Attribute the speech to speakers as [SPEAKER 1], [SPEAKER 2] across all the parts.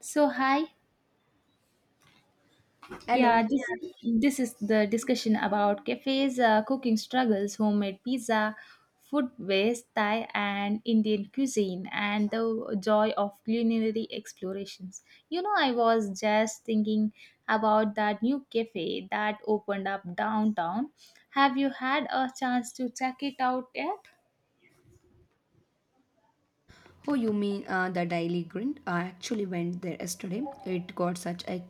[SPEAKER 1] So hi,
[SPEAKER 2] Hello.
[SPEAKER 1] yeah, this
[SPEAKER 2] Yeah.
[SPEAKER 1] this is the discussion about cafes, cooking struggles, homemade pizza, food waste, Thai and Indian cuisine, and the joy of culinary explorations. You know, I was just thinking about that new cafe that opened up downtown. Have you had a chance to check it out yet?
[SPEAKER 2] Oh, you mean the Daily Grind? I actually went there yesterday. It got such a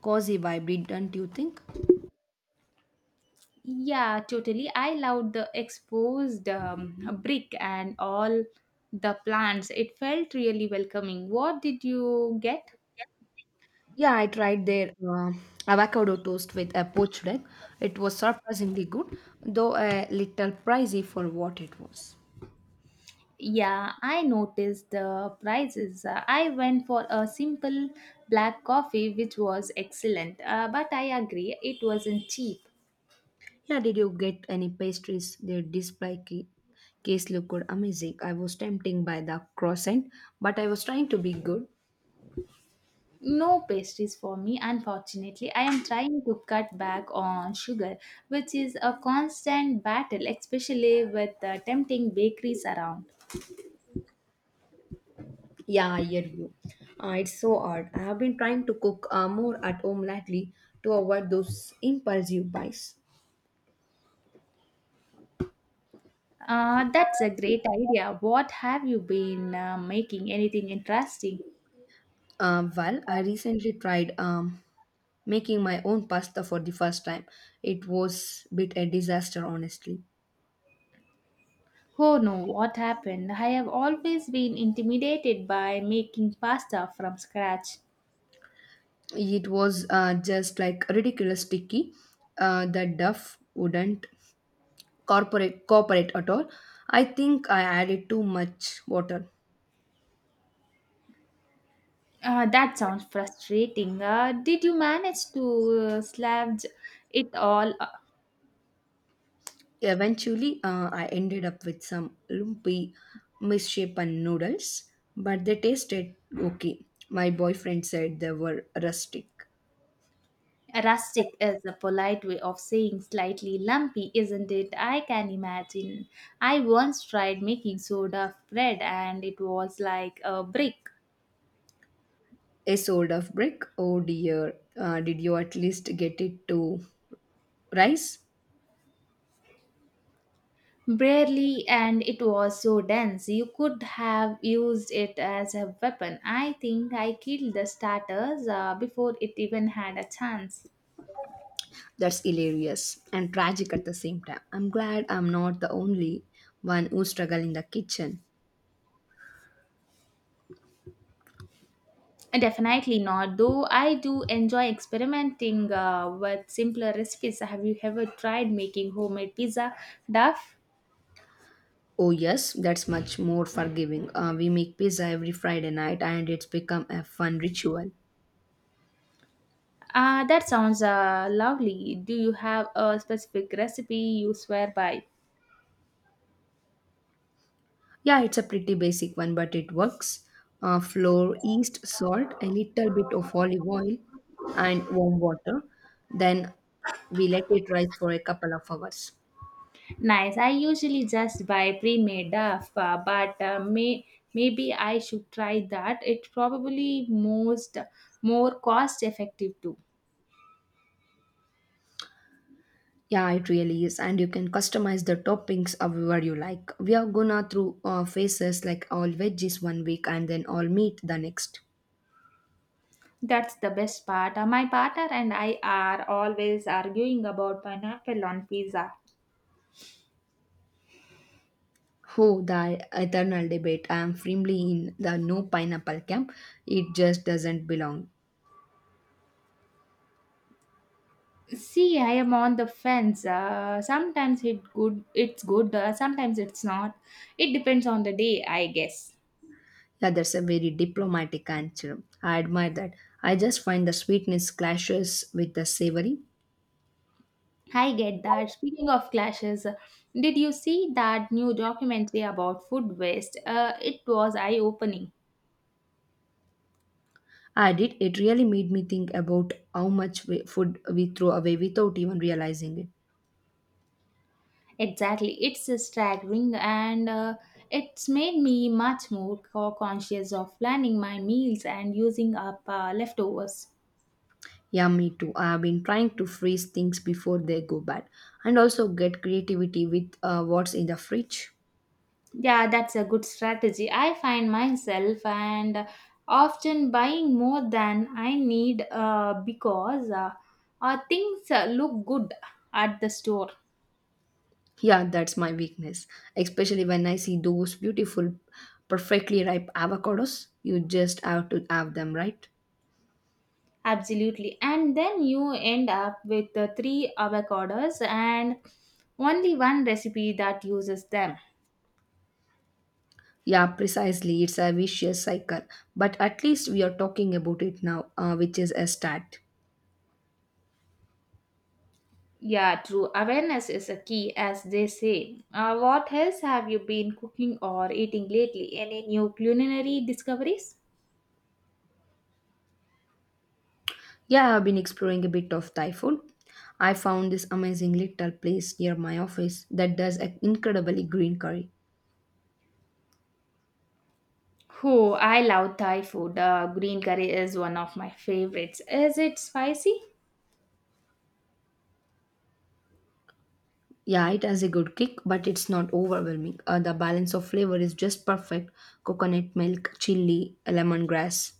[SPEAKER 2] cozy vibe, didn't you think?
[SPEAKER 1] Yeah, totally. I loved the exposed brick and all the plants. It felt really welcoming. What did you get?
[SPEAKER 2] Yeah, I tried their avocado toast with a poached egg. It was surprisingly good, though a little pricey for what it was.
[SPEAKER 1] Yeah, I noticed the prices. I went for a simple black coffee, which was excellent. But I agree, it wasn't cheap.
[SPEAKER 2] Yeah, did you get any pastries? Their display case looked amazing. I was tempted by the croissant, but I was trying to be good.
[SPEAKER 1] No pastries for me, unfortunately. I am trying to cut back on sugar, which is a constant battle, especially with the tempting bakeries around.
[SPEAKER 2] Yeah, I hear you. It's so hard. I have been trying to cook more at home lately to avoid those impulsive buys.
[SPEAKER 1] That's a great idea. What have you been making? Anything interesting?
[SPEAKER 2] Well, I recently tried making my own pasta for the first time. It was bit a disaster, honestly.
[SPEAKER 1] Oh no, what happened? I have always been intimidated by making pasta from scratch.
[SPEAKER 2] It was just like ridiculous sticky. The duff wouldn't cooperate at all. I think I added too much water.
[SPEAKER 1] That sounds frustrating. Did you manage to slavge it all?
[SPEAKER 2] Eventually, I ended up with some lumpy, misshapen noodles, but they tasted okay. My boyfriend said they were rustic.
[SPEAKER 1] Rustic is a polite way of saying slightly lumpy, isn't it? I can imagine. I once tried making soda bread and it was like a brick.
[SPEAKER 2] A sort of brick. Oh dear, did you at least get it to rice?
[SPEAKER 1] Barely, and it was so dense you could have used it as a weapon. I think I killed the starters before it even had a chance.
[SPEAKER 2] That's hilarious and tragic at the same time. I'm glad I'm not the only one who struggle in the kitchen.
[SPEAKER 1] Definitely not, though I do enjoy experimenting with simpler recipes. Have you ever tried making homemade pizza duff?
[SPEAKER 2] Oh yes, that's much more forgiving. We make pizza every Friday night, and it's become a fun ritual.
[SPEAKER 1] That sounds lovely. Do you have a specific recipe you swear by?
[SPEAKER 2] Yeah, it's a pretty basic one, but it works. Flour, yeast, salt, a little bit of olive oil, and warm water. Then we let it rise for a couple of hours.
[SPEAKER 1] Nice. I usually just buy pre-made stuff, but maybe I should try that. It's probably most more cost effective too.
[SPEAKER 2] Yeah, it really is, and you can customize the toppings however you like. We are gonna through phases like all veggies one week and then all meat the next.
[SPEAKER 1] That's the best part. My partner and I are always arguing about pineapple on pizza.
[SPEAKER 2] Oh, the eternal debate! I am firmly in the no pineapple camp. It just doesn't belong.
[SPEAKER 1] See, I am on the fence. Sometimes it's good. Sometimes it's not. It depends on the day, I guess.
[SPEAKER 2] Yeah, that's a very diplomatic answer. I admire that. I just find the sweetness clashes with the savory.
[SPEAKER 1] I get that. Speaking of clashes, did you see that new documentary about food waste? It was eye opening.
[SPEAKER 2] I did. It really made me think about how much food we throw away without even realizing it.
[SPEAKER 1] Exactly. It's staggering and it's made me much more conscious of planning my meals and using up leftovers.
[SPEAKER 2] Yeah, me too. I have been trying to freeze things before they go bad and also get creativity with what's in the fridge.
[SPEAKER 1] Yeah, that's a good strategy. I find myself and often buying more than I need because things look good at the store.
[SPEAKER 2] Yeah, that's my weakness, especially when I see those beautiful, perfectly ripe avocados. You just have to have them, right?
[SPEAKER 1] Absolutely. And then you end up with the three avocados and only one recipe that uses them.
[SPEAKER 2] Yeah, precisely. It's a vicious cycle. But at least we are talking about it now, which is a start.
[SPEAKER 1] Yeah, true. Awareness is a key, as they say. What else have you been cooking or eating lately? Any new culinary discoveries?
[SPEAKER 2] Yeah, I've been exploring a bit of Thai food. I found this amazing little place near my office that does an incredibly green curry.
[SPEAKER 1] Oh, I love Thai food. Green curry is one of my favorites. Is it spicy?
[SPEAKER 2] Yeah, it has a good kick, but it's not overwhelming. The balance of flavor is just perfect: coconut milk, chili, lemongrass.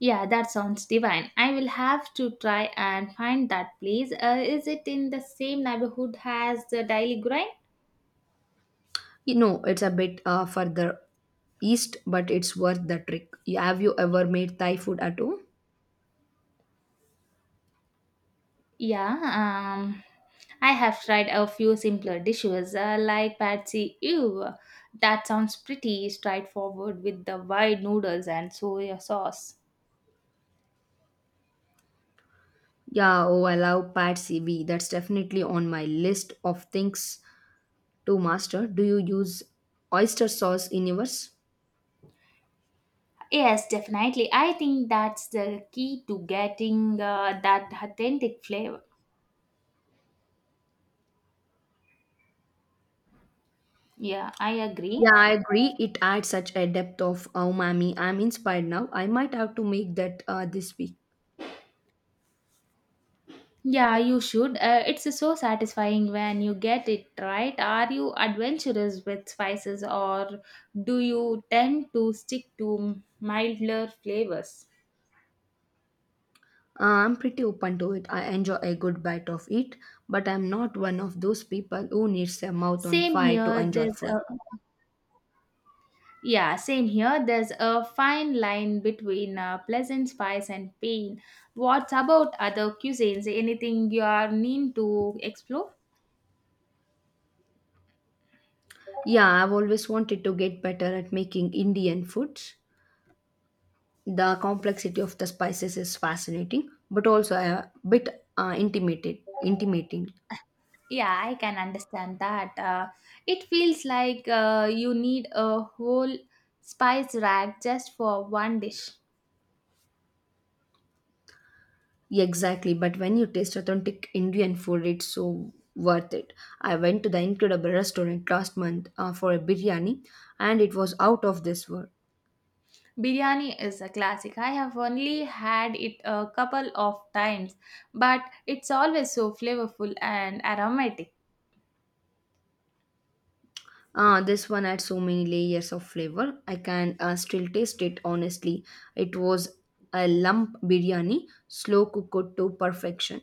[SPEAKER 1] Yeah, that sounds divine. I will have to try and find that place. Is it in the same neighborhood as the Daily Grind?
[SPEAKER 2] You know, it's a bit further east, but it's worth the trip. Have you ever made Thai food at home?
[SPEAKER 1] Yeah, um, I have tried a few simpler dishes like patsy ew. That sounds pretty straightforward with the wide noodles and soya sauce.
[SPEAKER 2] Yeah, oh, I love Pat CV. That's definitely on my list of things to master. Do you use oyster sauce in yours?
[SPEAKER 1] Yes, definitely. I think that's the key to getting that authentic flavor. Yeah, I agree.
[SPEAKER 2] Yeah, I agree. It adds such a depth of umami. I'm inspired now. I might have to make that this week.
[SPEAKER 1] Yeah, you should. It's so satisfying when you get it right. Are you adventurous with spices or do you tend to stick to milder flavors?
[SPEAKER 2] I'm pretty open to it. I enjoy a good bite of it, but I'm not one of those people who needs a mouth on
[SPEAKER 1] Same
[SPEAKER 2] fire to
[SPEAKER 1] here.
[SPEAKER 2] enjoy
[SPEAKER 1] There's
[SPEAKER 2] food.
[SPEAKER 1] a yeah. Same here. There's a fine line between pleasant spice and pain. What about other cuisines? Anything you are mean to explore?
[SPEAKER 2] Yeah, I've always wanted to get better at making Indian food. The complexity of the spices is fascinating, but also a bit intimating.
[SPEAKER 1] Yeah, I can understand that. It feels like you need a whole spice rack just for one dish.
[SPEAKER 2] Exactly, but when you taste authentic Indian food, it's so worth it. I went to the incredible restaurant last month for a biryani, and it was out of this world.
[SPEAKER 1] Biryani is a classic. I have only had it a couple of times, but it's always so flavorful and aromatic.
[SPEAKER 2] Ah, this one had so many layers of flavor. I can still taste it honestly. It was a lump biryani, slow cooked to perfection.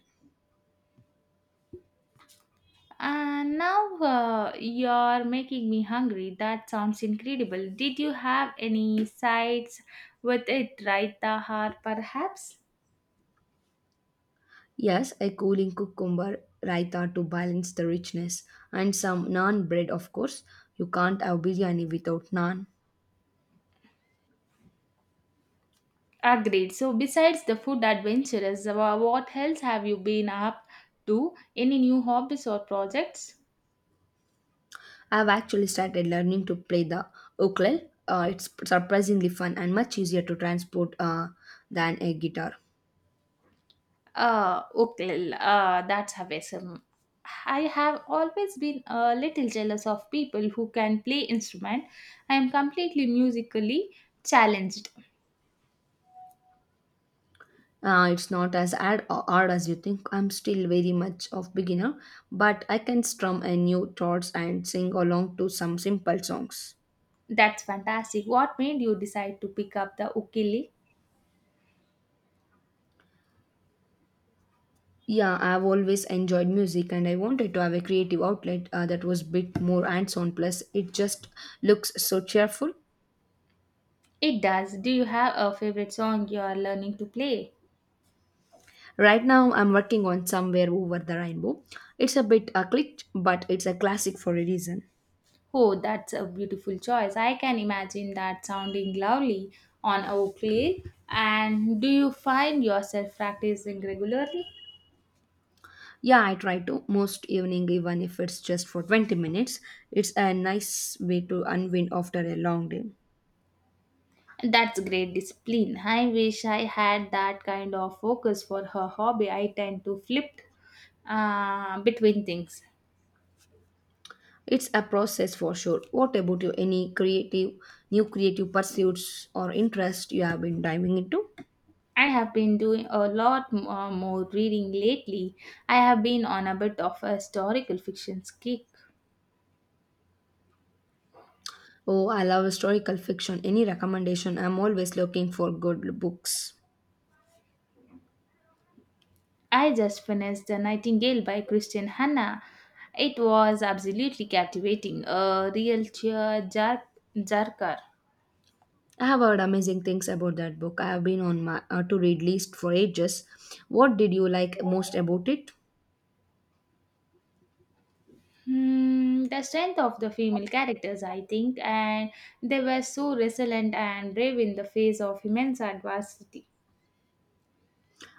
[SPEAKER 1] And now you're making me hungry. That sounds incredible. Did you have any sides with it, right, Tahar? Perhaps?
[SPEAKER 2] Yes, a cooling cucumber raita to balance the richness, and some naan bread, of course. You can't have biryani without naan.
[SPEAKER 1] Agreed. So, besides the food adventures, what else have you been up to? Any new hobbies or projects?
[SPEAKER 2] I've actually started learning to play the ukulele. It's surprisingly fun and much easier to transport than a guitar.
[SPEAKER 1] Okay, that's awesome. I have always been a little jealous of people who can play instrument. I am completely musically challenged.
[SPEAKER 2] It's not as hard as you think. I'm still very much of beginner, but I can strum a new chords and sing along to some simple songs.
[SPEAKER 1] That's fantastic. What made you decide to pick up the ukulele?
[SPEAKER 2] Yeah, I've always enjoyed music and I wanted to have a creative outlet that was bit more hands-on, plus it just looks so cheerful.
[SPEAKER 1] It does. Do you have a favorite song you are learning to play?
[SPEAKER 2] Right now I'm working on Somewhere Over the Rainbow. It's a bit clicked, but it's a classic for a reason.
[SPEAKER 1] Oh, that's a beautiful choice. I can imagine that sounding lovely on a ukulele. And do you find yourself practicing regularly?
[SPEAKER 2] Yeah, I try to most evening even if it's just for 20 minutes. It's a nice way to unwind after a long day.
[SPEAKER 1] That's great discipline. I wish I had that kind of focus for her hobby. I tend to flip between things.
[SPEAKER 2] It's a process for sure. What about you? Any creative, new creative pursuits or interest you have been diving into?
[SPEAKER 1] I have been doing a lot more reading lately. I have been on a bit of a historical fiction kick.
[SPEAKER 2] Oh, I love historical fiction. Any recommendation? I'm always looking for good books.
[SPEAKER 1] I just finished The Nightingale by Christian Hanna. It was absolutely captivating, a real jerker.
[SPEAKER 2] I have heard amazing things about that book. I have been on my to read list for ages. What did you like most about it?
[SPEAKER 1] Hmm, the strength of the female characters, I think, and they were so resilient and brave in the face of immense adversity.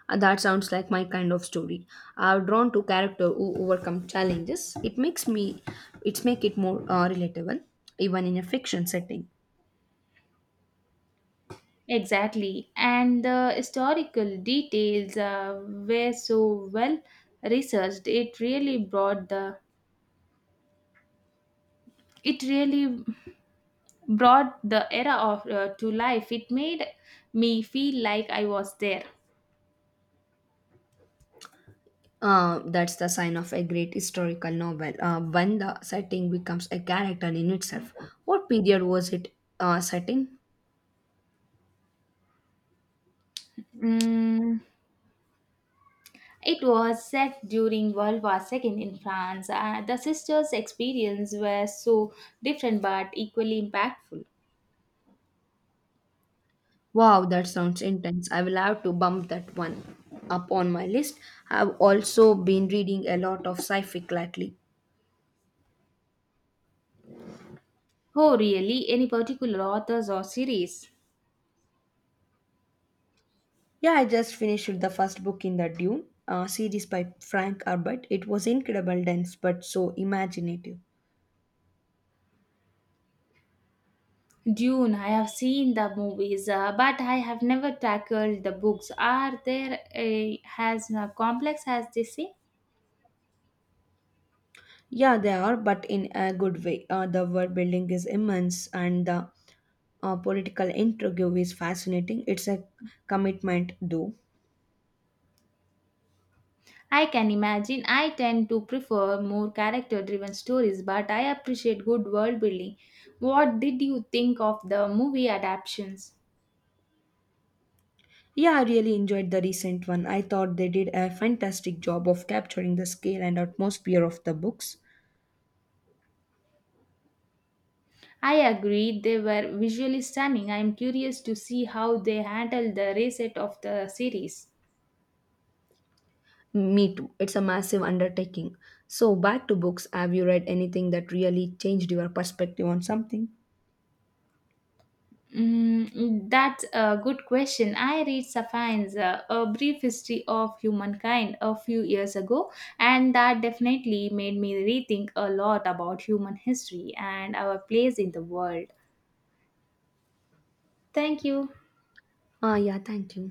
[SPEAKER 2] That sounds like my kind of story. I'm drawn to character who overcome challenges. It makes it's make it more relatable, even in a fiction setting.
[SPEAKER 1] Exactly, and the historical details were so well researched. It really brought the era of to life. It made me feel like I was there.
[SPEAKER 2] That's the sign of a great historical novel when the setting becomes a character in itself. What period was it set in?
[SPEAKER 1] Mm, it was set during World War Second in France. The sisters' experience were so different but equally impactful.
[SPEAKER 2] Wow, that sounds intense. I will have to bump that one up on my list. I've also been reading a lot of sci-fic lately.
[SPEAKER 1] Oh, really? Any particular authors or series?
[SPEAKER 2] Yeah, I just finished the first book in the Dune series by Frank Herbert. It was incredible, dense, but so imaginative.
[SPEAKER 1] Dune, I have seen the movies, but I have never tackled the books. Are there a, as complex as they say?
[SPEAKER 2] Yeah, they are, but in a good way. The world building is immense, and the political intrigue is fascinating. It's a commitment, though.
[SPEAKER 1] I can imagine. I tend to prefer more character-driven stories, but I appreciate good world building. What did you think of the movie adaptations?
[SPEAKER 2] Yeah, I really enjoyed the recent one. I thought they did a fantastic job of capturing the scale and atmosphere of the books.
[SPEAKER 1] I agree they were visually stunning. I am curious to see how they handle the reset of the series.
[SPEAKER 2] Me too. It's a massive undertaking. So, back to books. Have you read anything that really changed your perspective on something?
[SPEAKER 1] Mm, that's a good question. I read Sapiens, A Brief History of Humankind, a few years ago, and that definitely made me rethink a lot about human history and our place in the world. Thank you.
[SPEAKER 2] Ah, yeah, thank you.